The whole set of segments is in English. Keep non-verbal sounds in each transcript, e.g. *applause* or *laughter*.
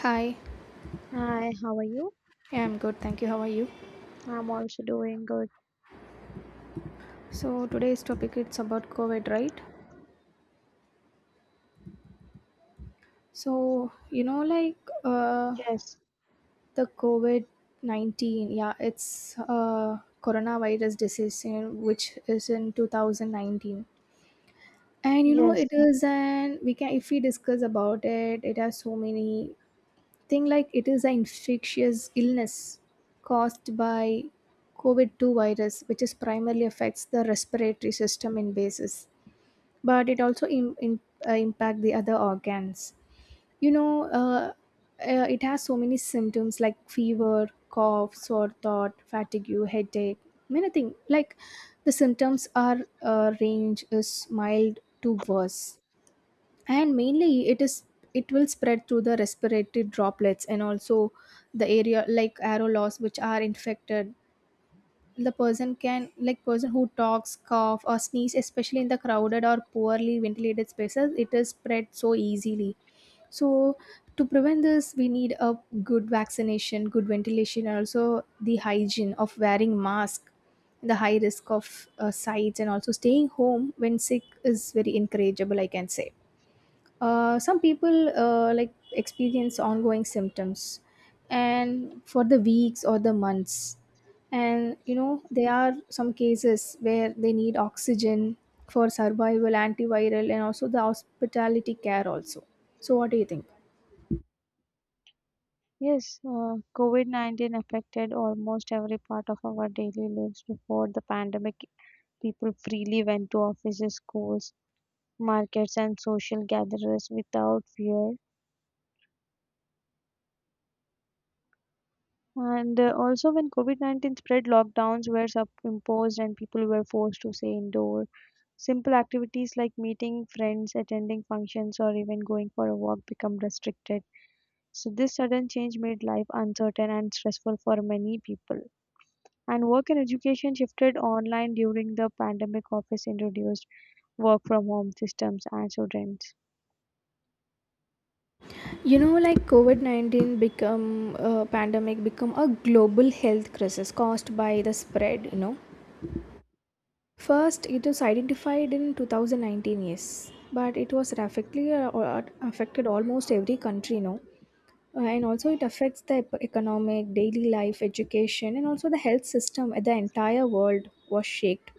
Hi, Hi, how are you? yeah, I'm good. Thank you. How are you? I'm also doing good. So today's topic it's about COVID, right? So you know, like uh, Yes, the COVID 19. Yeah, it's coronavirus disease, you know, which is in 2019. And you know, yes, it is an we can if we discuss about it, it has so many thing like it is an infectious illness caused by COVID two virus, which is primarily affects the respiratory system in basis, but it also impact the other organs, you know, it has so many symptoms like fever, cough, sore throat, fatigue, headache, many things like the symptoms are range is mild to worse, and mainly it is it will spread through the respiratory droplets, and also the area like aerosols which are infected the person can, like person who talks, cough, or sneeze, especially in the crowded or poorly ventilated spaces, it is spread so easily. So to prevent this, we need a good vaccination, good ventilation, and also the hygiene of wearing mask, the high risk of sites, and also staying home when sick is very encourageable, I can say. Some people like experience ongoing symptoms and for the weeks or the months, and you know there are some cases where they need oxygen for survival, antiviral, and also the hospitality care also. So what do you think? yes. COVID-19 affected almost every part of our daily lives before the pandemic. People freely went to offices, schools, markets, and social gatherings without fear. And also, when COVID-19 spread, lockdowns were imposed and people were forced to stay indoors. Simple activities like meeting friends, attending functions, or even going for a walk become restricted. So this sudden change made life uncertain and stressful for many people. And work and education shifted online during the pandemic. Office introduced work from home systems and students. You know, like covid-19 become pandemic, become a global health crisis caused by the spread, you know. First, it was identified in 2019, yes, but it was rapidly affected almost every country now. And also, it affects the economic, daily life, education, and also the health system. The entire world was shaked.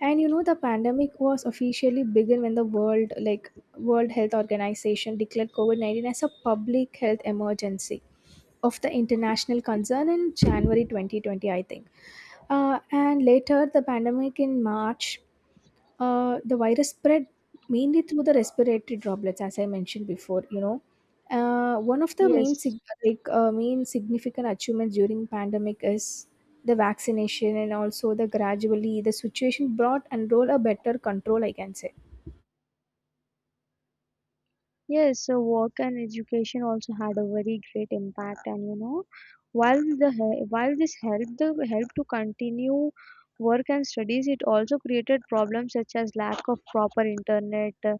And you know, the pandemic was officially begun when the world, like World Health Organization, declared COVID-19 as a public health emergency of the international concern in January 2020, I think. And later, the pandemic in March, the virus spread mainly through the respiratory droplets, as I mentioned before. You know, one of the main Yes, like main significant achievements during pandemic is the vaccination, and also the gradually the situation brought and roll a better control, I can say. Yes, so work and education also had a very great impact, and you know, while this helped the help to continue work and studies, it also created problems such as lack of proper internet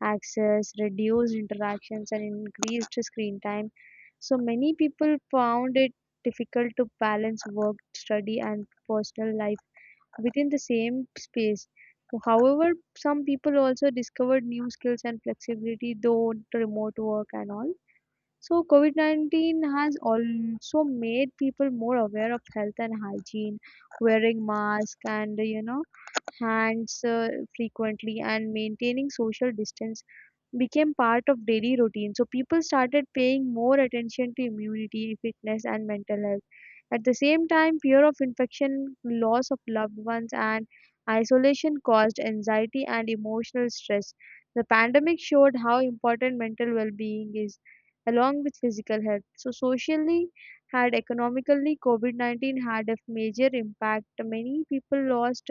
access, reduced interactions, and increased screen time. So many people found it difficult to balance work, study, and personal life within the same space. However, some people also discovered new skills and flexibility, though remote work and all. So, COVID COVID-19 has also made people more aware of health and hygiene, wearing masks, and you know, hands frequently and maintaining social distance became part of daily routine. So people started paying more attention to immunity, fitness, and mental health. At the same time, fear of infection, loss of loved ones, and isolation caused anxiety and emotional stress. The pandemic showed how important mental well being is, along with physical health. So, socially and economically, COVID COVID-19 had a major impact. Many people lost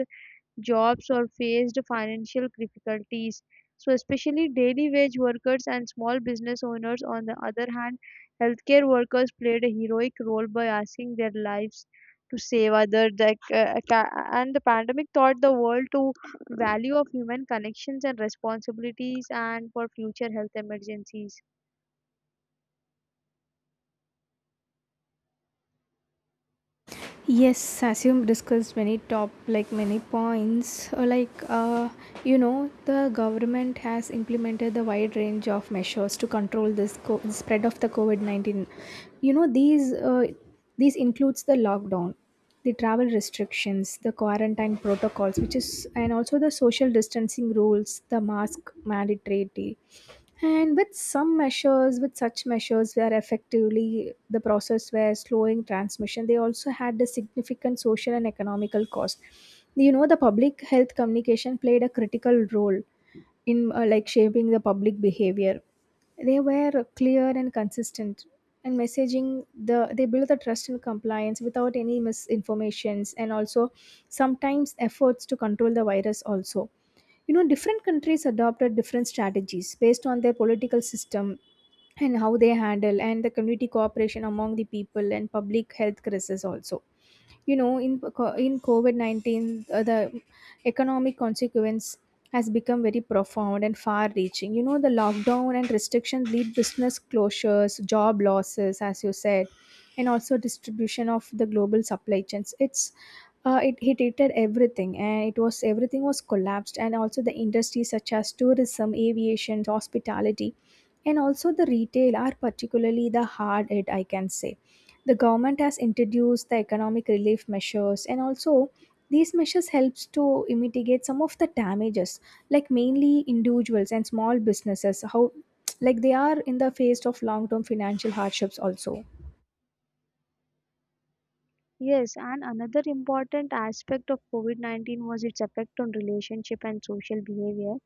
jobs or faced financial difficulties. So, especially daily wage workers and small business owners, on the other hand, healthcare workers played a heroic role by asking their lives to save others. And the pandemic taught the world to value of human connections and responsibilities and for future health emergencies. Yes, as you discussed many top like many points, you know, the government has implemented the wide range of measures to control this spread of the COVID 19. You know, these includes the lockdown, the travel restrictions, the quarantine protocols, which is, and also the social distancing rules, the mask mandatory, and with some measures, with such measures were effectively the process were slowing transmission, they also had a significant social and economical cost. You know, the public health communication played a critical role in like shaping the public behavior. They were clear and consistent, and messaging the they built the trust and compliance without any misinformations, and also sometimes efforts to control the virus also. You know, different countries adopted different strategies based on their political system, and how they handle and the community cooperation among the people and public health crisis also. You know, in covid-19, the economic consequence has become very profound and far reaching. You know, the lockdown and restrictions lead business closures, job losses as you said, and also distribution of the global supply chains. It's it hit it at everything, and it was everything was collapsed, and also the industries such as tourism, aviation, hospitality, and also the retail are particularly the hard hit, I can say. The government has introduced the economic relief measures, and also these measures helps to mitigate some of the damages, like mainly individuals and small businesses, how *tsk* like they are in the face of long term financial hardships also. Yes, and another important aspect of COVID COVID-19 was its effect on relationship and social behavior.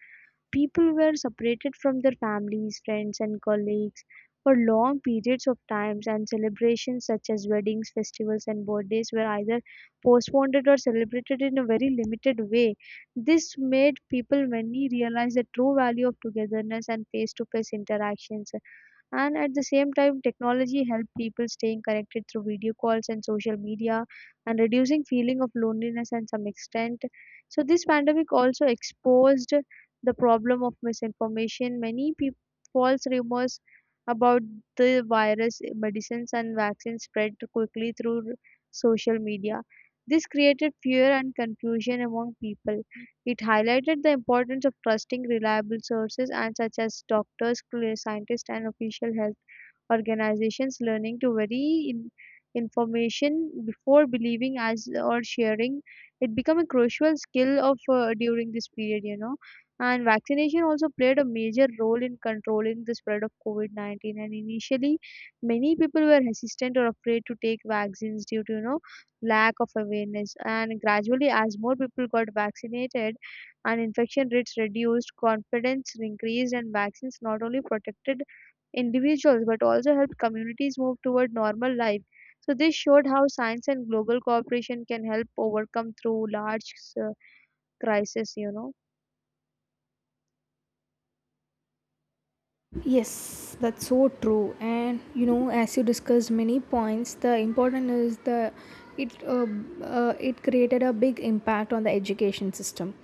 People were separated from their families, friends, and colleagues for long periods of times, and celebrations such as weddings, festivals, and birthdays were either postponed or celebrated in a very limited way. This made people many realize the true value of togetherness and face to face interactions, and at the same time, technology helped people staying connected through video calls and social media and reducing feeling of loneliness and some extent. So this pandemic also exposed the problem of misinformation. Many people false rumors about the virus, medicines, and vaccines spread quickly through social media. This created fear and confusion among people. It highlighted the importance of trusting reliable sources and such as doctors, scientists, and official health organizations. Learning to vary in information before believing as or sharing it become a crucial skill of during this period, you know. And vaccination also played a major role in controlling the spread of covid-19, and initially many people were hesitant or afraid to take vaccines due to, you know, lack of awareness, and gradually as more people got vaccinated and infection rates reduced, confidence increased, and vaccines not only protected individuals but also helped communities move toward normal life. So, this showed how science and global cooperation can help overcome through large uh, crisis, you know. Yes, that's so true. And you know, as you discussed many points, the important is the it uh, it created a big impact on the education system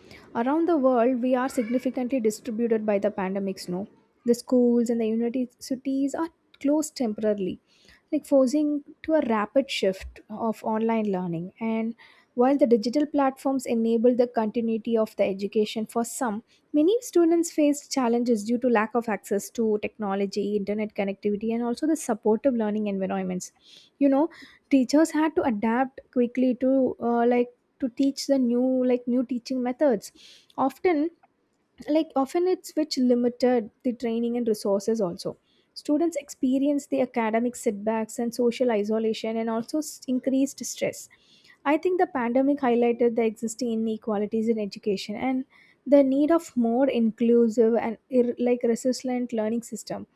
around the world. We are significantly distributed by the pandemic snow. The schools and the universities are closed temporarily, like forcing to a rapid shift of online learning. And while the digital platforms enable the continuity of the education for some, many students faced challenges due to lack of access to technology, internet connectivity, and also the supportive learning environments. You know, teachers had to adapt quickly to like to teach the new like new teaching methods. Often, like often it's which limited the training and resources also. Students experience the academic setbacks and social isolation, and also increased stress. I think the pandemic highlighted the existing inequalities in education and the need of more inclusive and like resilient learning system.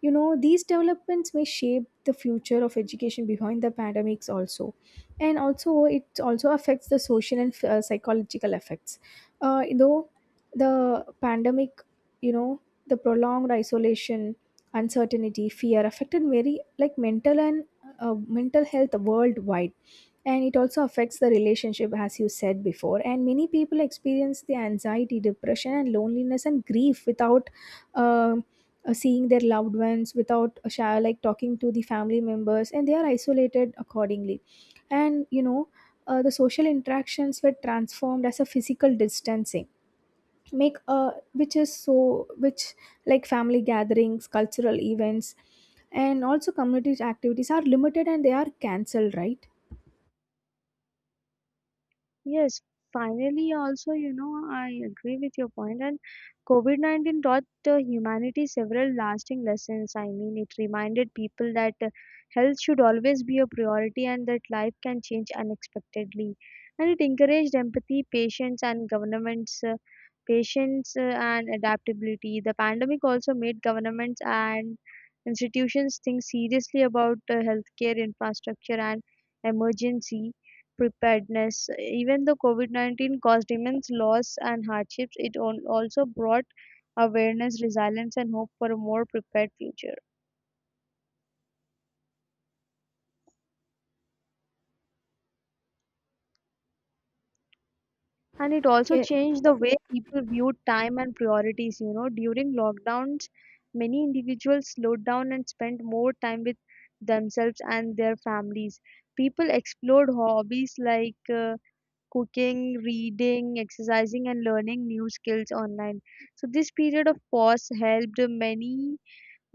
You know, these developments may shape the future of education behind the pandemics also, and also it also affects the social and psychological effects though the pandemic, you know, the prolonged isolation, uncertainty, fear affected very like mental and uh, mental health worldwide, and it also affects the relationship as you said before, and many people experience the anxiety, depression, and loneliness, and grief without um, seeing their loved ones, without a share, like talking to the family members, and they are isolated accordingly. And you know, the social interactions were transformed as a physical distancing make, which is so which like family gatherings, cultural events, and also community activities are limited and they are cancelled, right? Yes, finally, also, you know, I agree with your point. And COVID-19 taught humanity several lasting lessons. I mean, it reminded people that health should always be a priority and that life can change unexpectedly. And it encouraged empathy, patience, and governments. Patience and adaptability. The pandemic also made governments and institutions think seriously about healthcare infrastructure and emergency preparedness. Even though COVID COVID-19 caused immense loss and hardships, it also brought awareness, resilience, and hope for a more prepared future. And it also Yeah. changed the way people viewed time and priorities. You know, during lockdowns, many individuals slowed down and spent more time with themselves and their families. People explored hobbies like cooking, reading, exercising, and learning new skills online. So, this period of pause helped many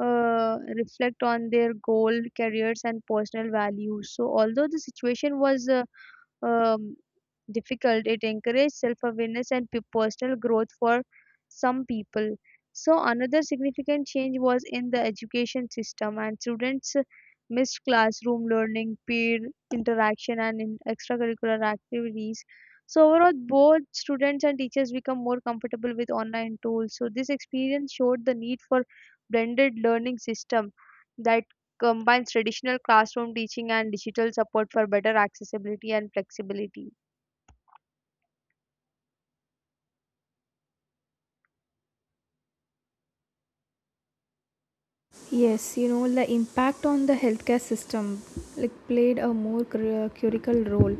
reflect on their goal, careers, and personal values. So, although the situation was um, difficult. It encourages self awareness and personal growth for some people. So, another significant change was in the education system, and students missed classroom learning, peer interaction, and in extracurricular activities. So, overall, both students and teachers become more comfortable with online tools. So, this experience showed the need for blended learning system that combines traditional classroom teaching and digital support for better accessibility and flexibility. Yes, you know, the impact on the healthcare system like played a more critical role.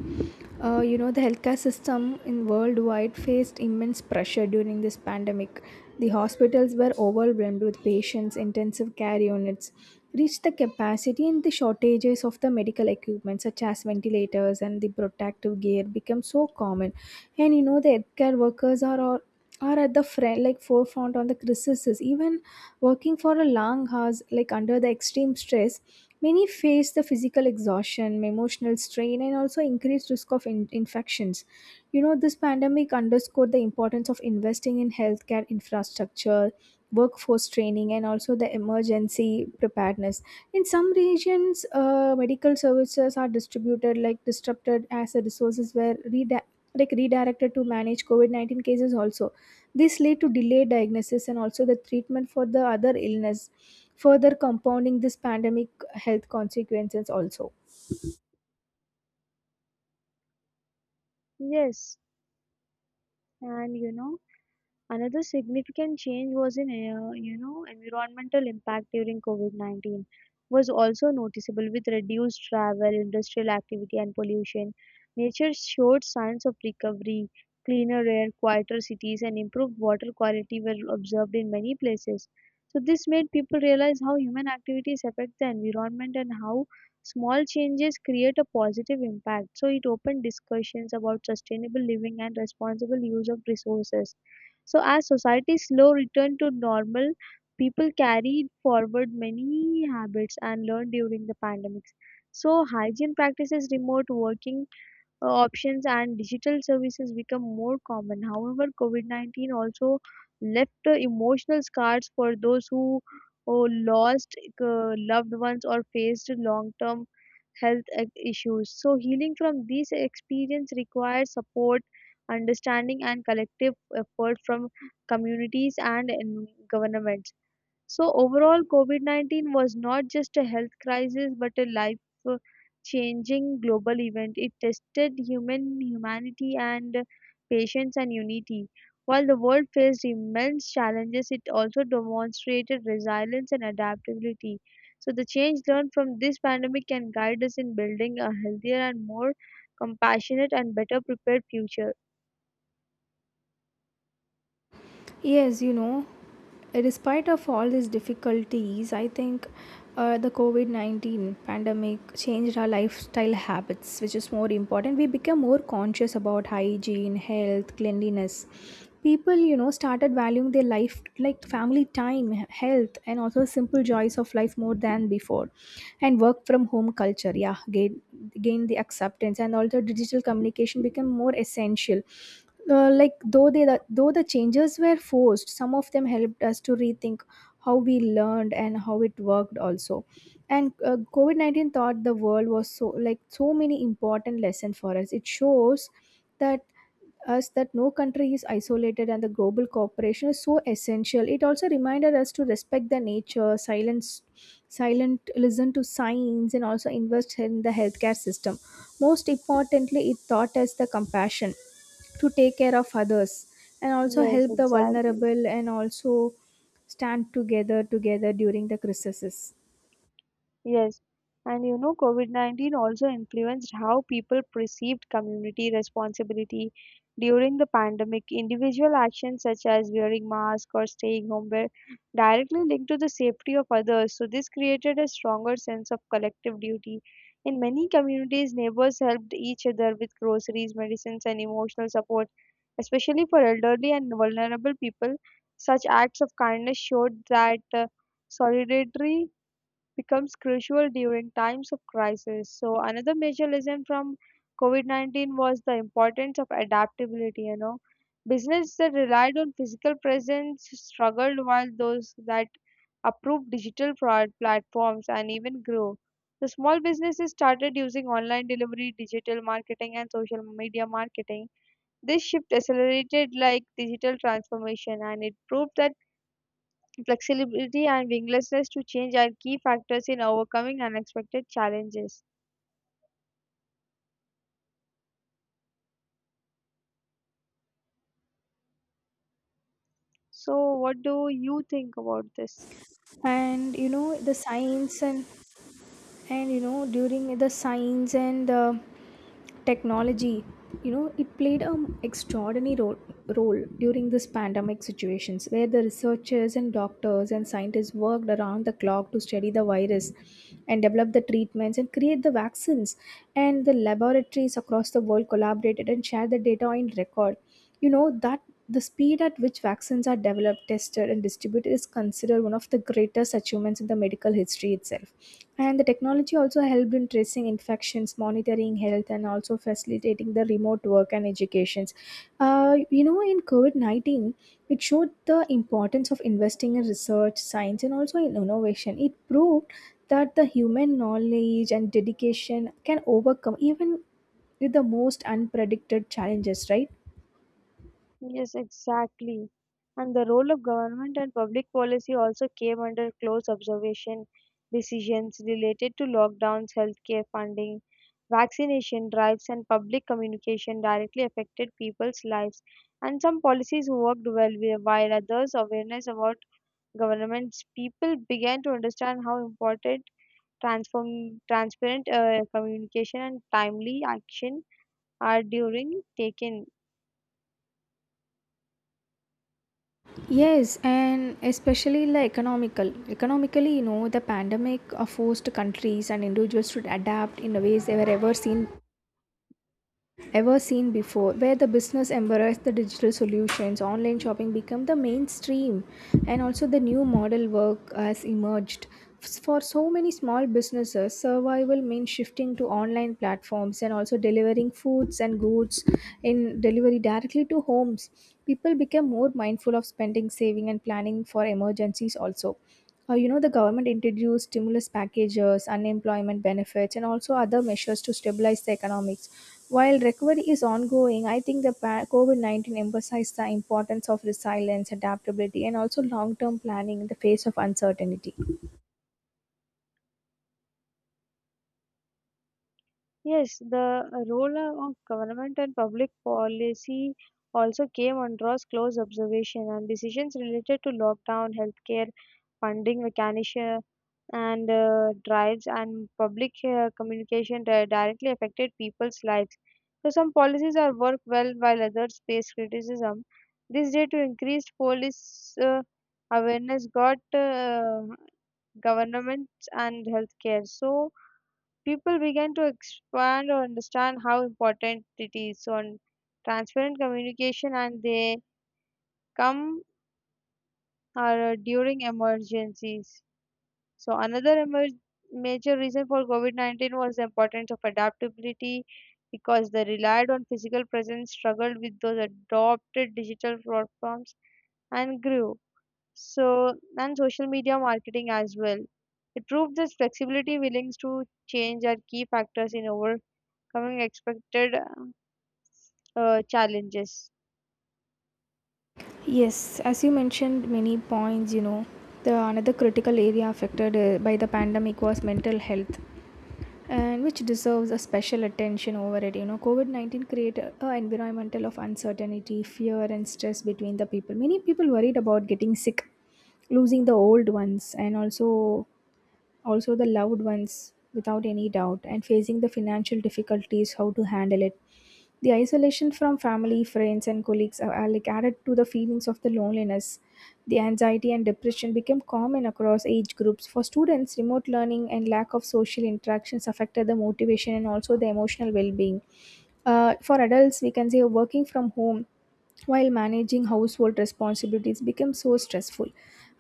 You know, the healthcare system in worldwide faced immense pressure during this pandemic. The hospitals were overwhelmed with patients, intensive care units reached the capacity, and the shortages of the medical equipment such as ventilators and the protective gear become so common. And you know, the healthcare workers are all are at the front like forefront on the crisis, even working for a long hours, like under the extreme stress, many face the physical exhaustion, emotional strain, and also increased risk of infections. You know, this pandemic underscored the importance of investing in healthcare infrastructure, workforce training, and also the emergency preparedness. In some regions, medical services are distributed like disrupted as the resources were like redirected to manage COVID 19 cases also. This lead to delayed diagnosis and also the treatment for the other illness, further compounding this pandemic health consequences also. Yes, and you know. Another significant change was in, you know, environmental impact during COVID-19 was also noticeable with reduced travel, industrial activity, and pollution. Nature showed signs of recovery. Cleaner air, quieter cities, and improved water quality were observed in many places. So this made people realize how human activities affect the environment and how small changes create a positive impact. So it opened discussions about sustainable living and responsible use of resources. So as society's slow return to normal, people carried forward many habits and learned during the pandemics. So hygiene practices, remote working options, and digital services become more common. However, COVID-19 also left emotional scars for those who lost loved ones or faced long-term health issues. So, healing from these experience requires support, understanding, and collective effort from communities and in governments. So overall, COVID-19 was not just a health crisis but a life-changing global event. It tested human humanity and patience and unity. While the world faced immense challenges, it also demonstrated resilience and adaptability. So the change learned from this pandemic can guide us in building a healthier and more compassionate and better prepared future. Yes, you know, despite of all these difficulties, I think the COVID 19 pandemic changed our lifestyle habits, which is more important. We became more conscious about hygiene, health, cleanliness. People, you know, started valuing their life like family time, health, and also simple joys of life more than before. And work from home culture, yeah, gained the acceptance, and also digital communication became more essential. Like though though the changes were forced, some of them helped us to rethink how we learned and how it worked also. And covid-19 taught the world, was so like so many important lessons for us. It shows that us that no country is isolated and the global cooperation is so essential. It also reminded us to respect the nature, silence silent, listen to science, and also invest in the healthcare system. Most importantly, it taught us the compassion to take care of others, and also Yes, help the exactly. vulnerable, and also stand together during the crisis. Yes, and you know, COVID-19 also influenced how people perceived community responsibility. During the pandemic, individual actions such as wearing masks or staying home were directly linked to the safety of others, so this created a stronger sense of collective duty. In many communities, neighbors helped each other with groceries, medicines, and emotional support, especially for elderly and vulnerable people. Such acts of kindness showed that solidarity becomes crucial during times of crisis. So another major lesson from COVID-19 was the importance of adaptability, you know. Business that relied on physical presence struggled while those that approved digital platforms and even grew. The small businesses started using online delivery, digital marketing, and social media marketing. This shift accelerated like digital transformation, and it proved that flexibility and willingness to change are key factors in overcoming unexpected challenges. So, what do you think about this? And you know, the science and you know during the science and technology, you know, it played an extraordinary role during this pandemic situations, where the researchers and doctors and scientists worked around the clock to study the virus, and develop the treatments, and create the vaccines, and the laboratories across the world collaborated and shared the data in record. You know that the speed at which vaccines are developed, tested, and distributed is considered one of the greatest achievements in the medical history itself. And the technology also helped in tracing infections, monitoring health, and also facilitating the remote work and educations. You know, in COVID 19, it showed the importance of investing in research, science, and also in innovation. It proved that the human knowledge and dedication can overcome even with the most unpredicted challenges, right? Yes, exactly. And the role of government and public policy also came under close observation. Decisions related to lockdowns, healthcare funding, vaccination drives, and public communication directly affected people's lives. And some policies worked well, while others, awareness about governments, people began to understand how important transform transparent communication and timely action are during taken. Yes, and especially like economical. Economically, you know, the pandemic forced countries and individuals to adapt in a ways they were ever seen before, where the business embrace the digital solutions, online shopping become the mainstream, and also the new model work has emerged. For so many small businesses, survival means shifting to online platforms, and also delivering foods and goods in delivery directly to homes. People become more mindful of spending, saving, and planning for emergencies also. You know, the government introduced stimulus packages, unemployment benefits, and also other measures to stabilize the economics. While recovery is ongoing, I think COVID 19 emphasized the importance of resilience, adaptability, and also long term planning in the face of uncertainty. Yes, the role of government and public policy also came under close observation, and decisions related to lockdown, healthcare, funding mechanism, and drives and public communication directly affected people's lives. So some policies are work well while others face criticism. This day to increased police awareness got governments and healthcare. So people began to expand or understand how important it is. So on transparent communication and they come during emergencies. So another major reason for COVID-19 was the importance of adaptability because they relied on physical presence, struggled with those adopted digital platforms and grew. So and social media marketing as well. It proved this flexibility, willingness to change are key factors in overcoming expected challenges. Yes, as you mentioned many points, you know, the another critical area affected by the pandemic was mental health, and which deserves a special attention over it. You know, COVID 19 created an environmental of uncertainty, fear, and stress between the people. Many people worried about getting sick, losing the old ones, and also the loved ones without any doubt and facing the financial difficulties, how to handle it. The isolation from family, friends and colleagues are like added to the feelings of the loneliness. The anxiety and depression became common across age groups. For students, remote learning and lack of social interactions affected the motivation and also the emotional well-being. For adults, we can say working from home while managing household responsibilities became so stressful.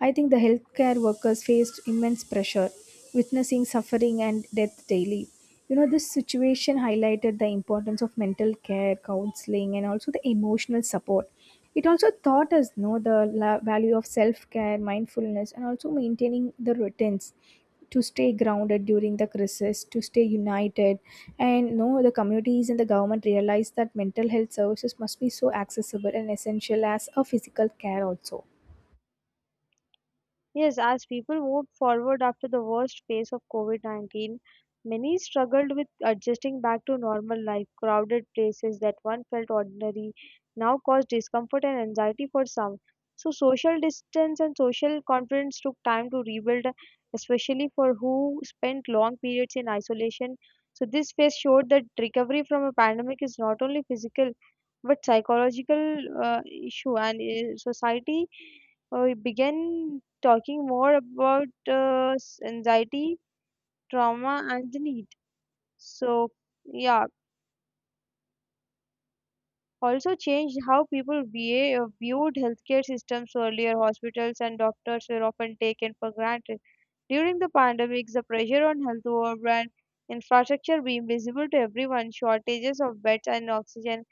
I think the healthcare workers faced immense pressure, witnessing suffering and death daily. You know, this situation highlighted the importance of mental care, counseling, and also the emotional support. It also taught us know value of self-care, mindfulness, and also maintaining the routines to stay grounded during the crisis, to stay united, and you know, the communities and the government realized that mental health services must be so accessible and essential as a physical care also. Yes, as people moved forward after the worst phase of COVID COVID-19, many struggled with adjusting back to normal life. Crowded places that once felt ordinary now cause discomfort and anxiety for some. So, social distance and social confidence took time to rebuild, especially for who spent long periods in isolation. So, this phase showed that recovery from a pandemic is not only physical but psychological issue, and society, we began talking more about anxiety, trauma, and the need. So, yeah, also changed how people viewed healthcare systems earlier. Hospitals and doctors were often taken for granted. During the pandemic, the pressure on health and infrastructure being visible to everyone, shortages of beds and oxygen,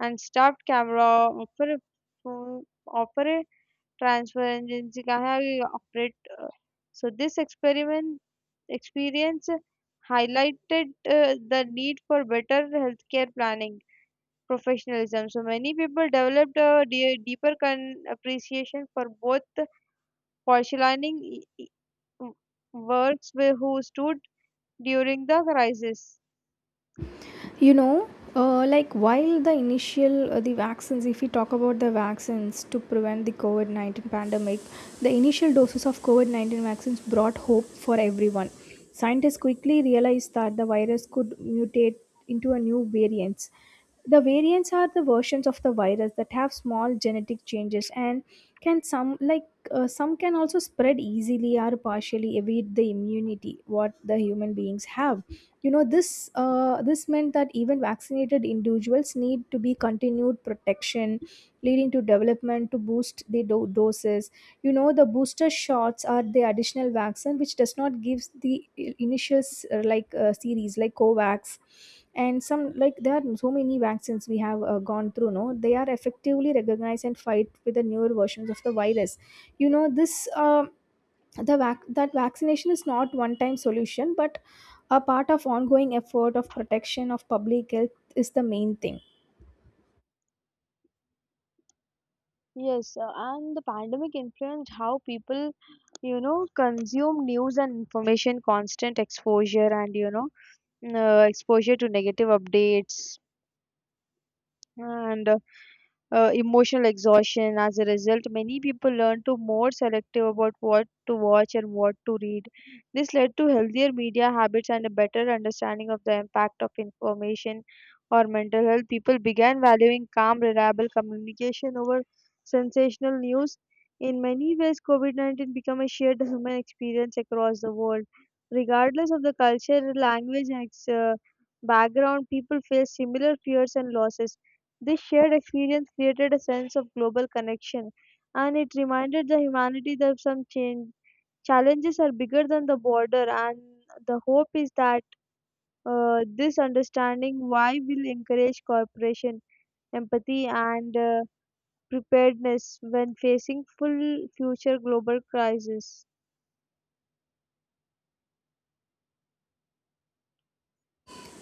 and staffed camera opera, transfer agency ka we operate. So this experiment experience highlighted the need for better healthcare planning professionalism. So many people developed a deeper appreciation for both postulining works who stood during the crisis. You know, like while the vaccines, if we talk about the vaccines to prevent the covid-19 pandemic, the initial doses of covid-19 vaccines brought hope for everyone. Scientists quickly realized that the virus could mutate into a new variants. The variants are the versions of the virus that have small genetic changes, and can some like some can also spread easily or partially evade the immunity what the human beings have. You know, this meant that even vaccinated individuals need to be continued protection, leading to development to boost the doses. You know, the booster shots are the additional vaccine which does not give the initial series like covax, and some like there are so many vaccines we have gone through, no, they are effectively recognized and fight with the newer versions of the virus. You know, that vaccination is not one time solution, but a part of ongoing effort of protection of public health is the main thing. Yes, and the pandemic influenced how people, you know, consume news and information, constant exposure, and you know, exposure to negative updates and emotional exhaustion. As a result, many people learn to more selective about what to watch and what to read. This led to healthier media habits and a better understanding of the impact of information or mental health. People began valuing calm, reliable communication over sensational news. In many ways, COVID COVID-19 became a shared human experience across the world. Regardless of the culture, language, and background, people face similar fears and losses. This shared experience created a sense of global connection, and it reminded the humanity that challenges are bigger than the border. And the hope is that this understanding why will encourage cooperation, empathy, and preparedness when facing full future global crisis.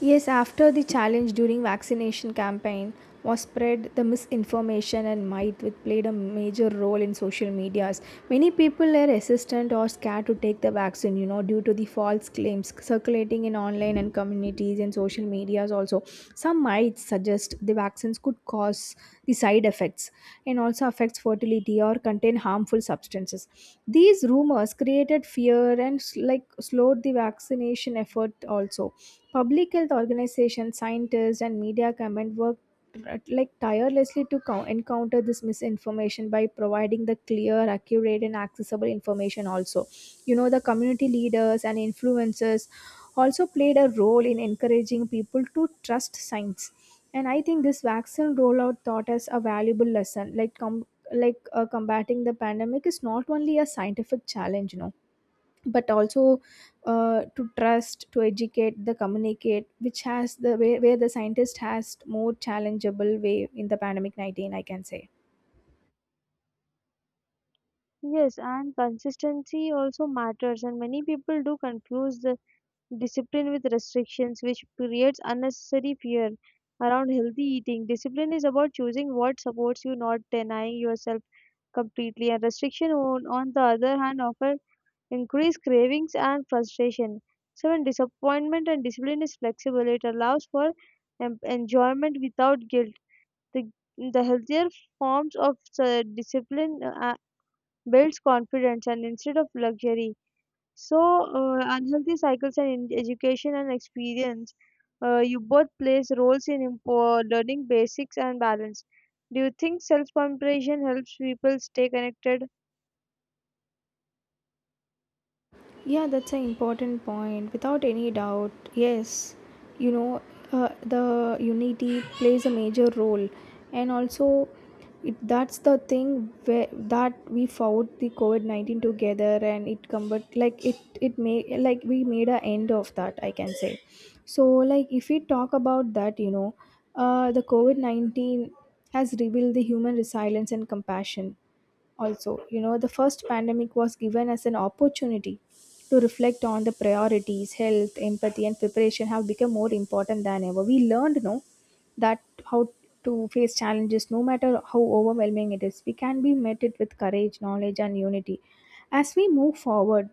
Yes, after the challenge during vaccination campaign was spread, the misinformation and might which played a major role in social medias. Many people were resistant or scared to take the vaccine, you know, due to the false claims circulating in online and communities and social medias also. Some myths suggest the vaccines could cause the side effects and also affects fertility or contain harmful substances. These rumors created fear and like slowed the vaccination effort also. Public health organizations, scientists, and media comment work like tirelessly to encounter this misinformation by providing the clear, accurate, and accessible information. Also, you know, the community leaders and influencers also played a role in encouraging people to trust science. And I think this vaccine rollout taught us a valuable lesson, like combating the pandemic is not only a scientific challenge, you know, but also to trust to educate the communicate which has the way where the scientist has more challengeable way in the pandemic 19, I can say. Yes, and consistency also matters, and many people do confuse the discipline with restrictions, which creates unnecessary fear around healthy eating. Discipline is about choosing what supports you, not denying yourself completely. And restriction, on the other hand, often increase cravings and frustration. So, when disappointment and discipline is flexible, it allows for enjoyment without guilt. The, the healthier forms of discipline builds confidence and instead of luxury. So, unhealthy cycles and in education and experience, you both plays roles in learning basics and balance. Do you think self-compassion helps people stay connected? Yeah, that's an important point, without any doubt. Yes, you know, the unity plays a major role, and also it, that's the thing where, that we fought the COVID 19 together, and it combat like it made like we made a end of that, I can say. So like if we talk about that, you know, the COVID 19 has revealed the human resilience and compassion also. You know, the first pandemic was given as an opportunity to reflect on the priorities. Health, empathy, and preparation have become more important than ever. We learned, no, that how to face challenges, no matter how overwhelming it is, we can be met it with courage, knowledge, and unity. As we move forward,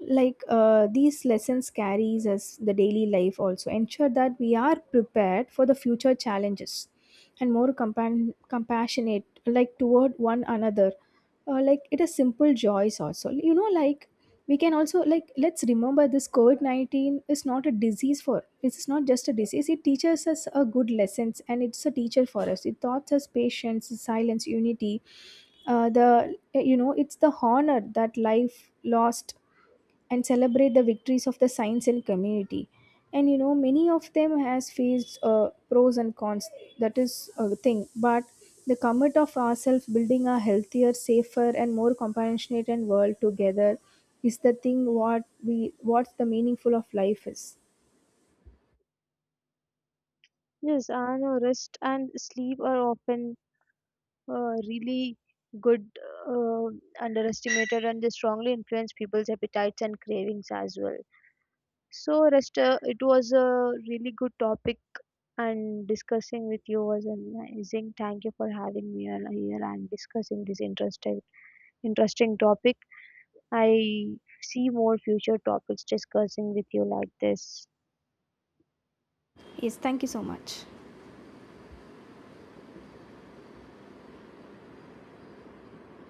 these lessons carries us the daily life also, ensure that we are prepared for the future challenges and more compassionate like toward one another, like it is simple joys also, you know, like we can also like, let's remember this covid-19 is not a disease for, it's not just a disease, it teaches us a good lessons and it's a teacher for us. It taught us patience, silence, unity. The, you know, it's the honor that life lost, and celebrate the victories of the science and community. And you know, many of them has faced pros and cons, that is a thing, but the commit of ourselves building a healthier, safer and more compassionate and world together is the thing what we, what the meaningful of life is. Yes, I know rest and sleep are often really good, uh, underestimated, and they strongly influence people's appetites and cravings as well. So, rest, it was a really good topic, and discussing with you was amazing. Thank you for having me on here and discussing this interesting topic. I see more future topics discussing with you like this. Yes, thank you so much.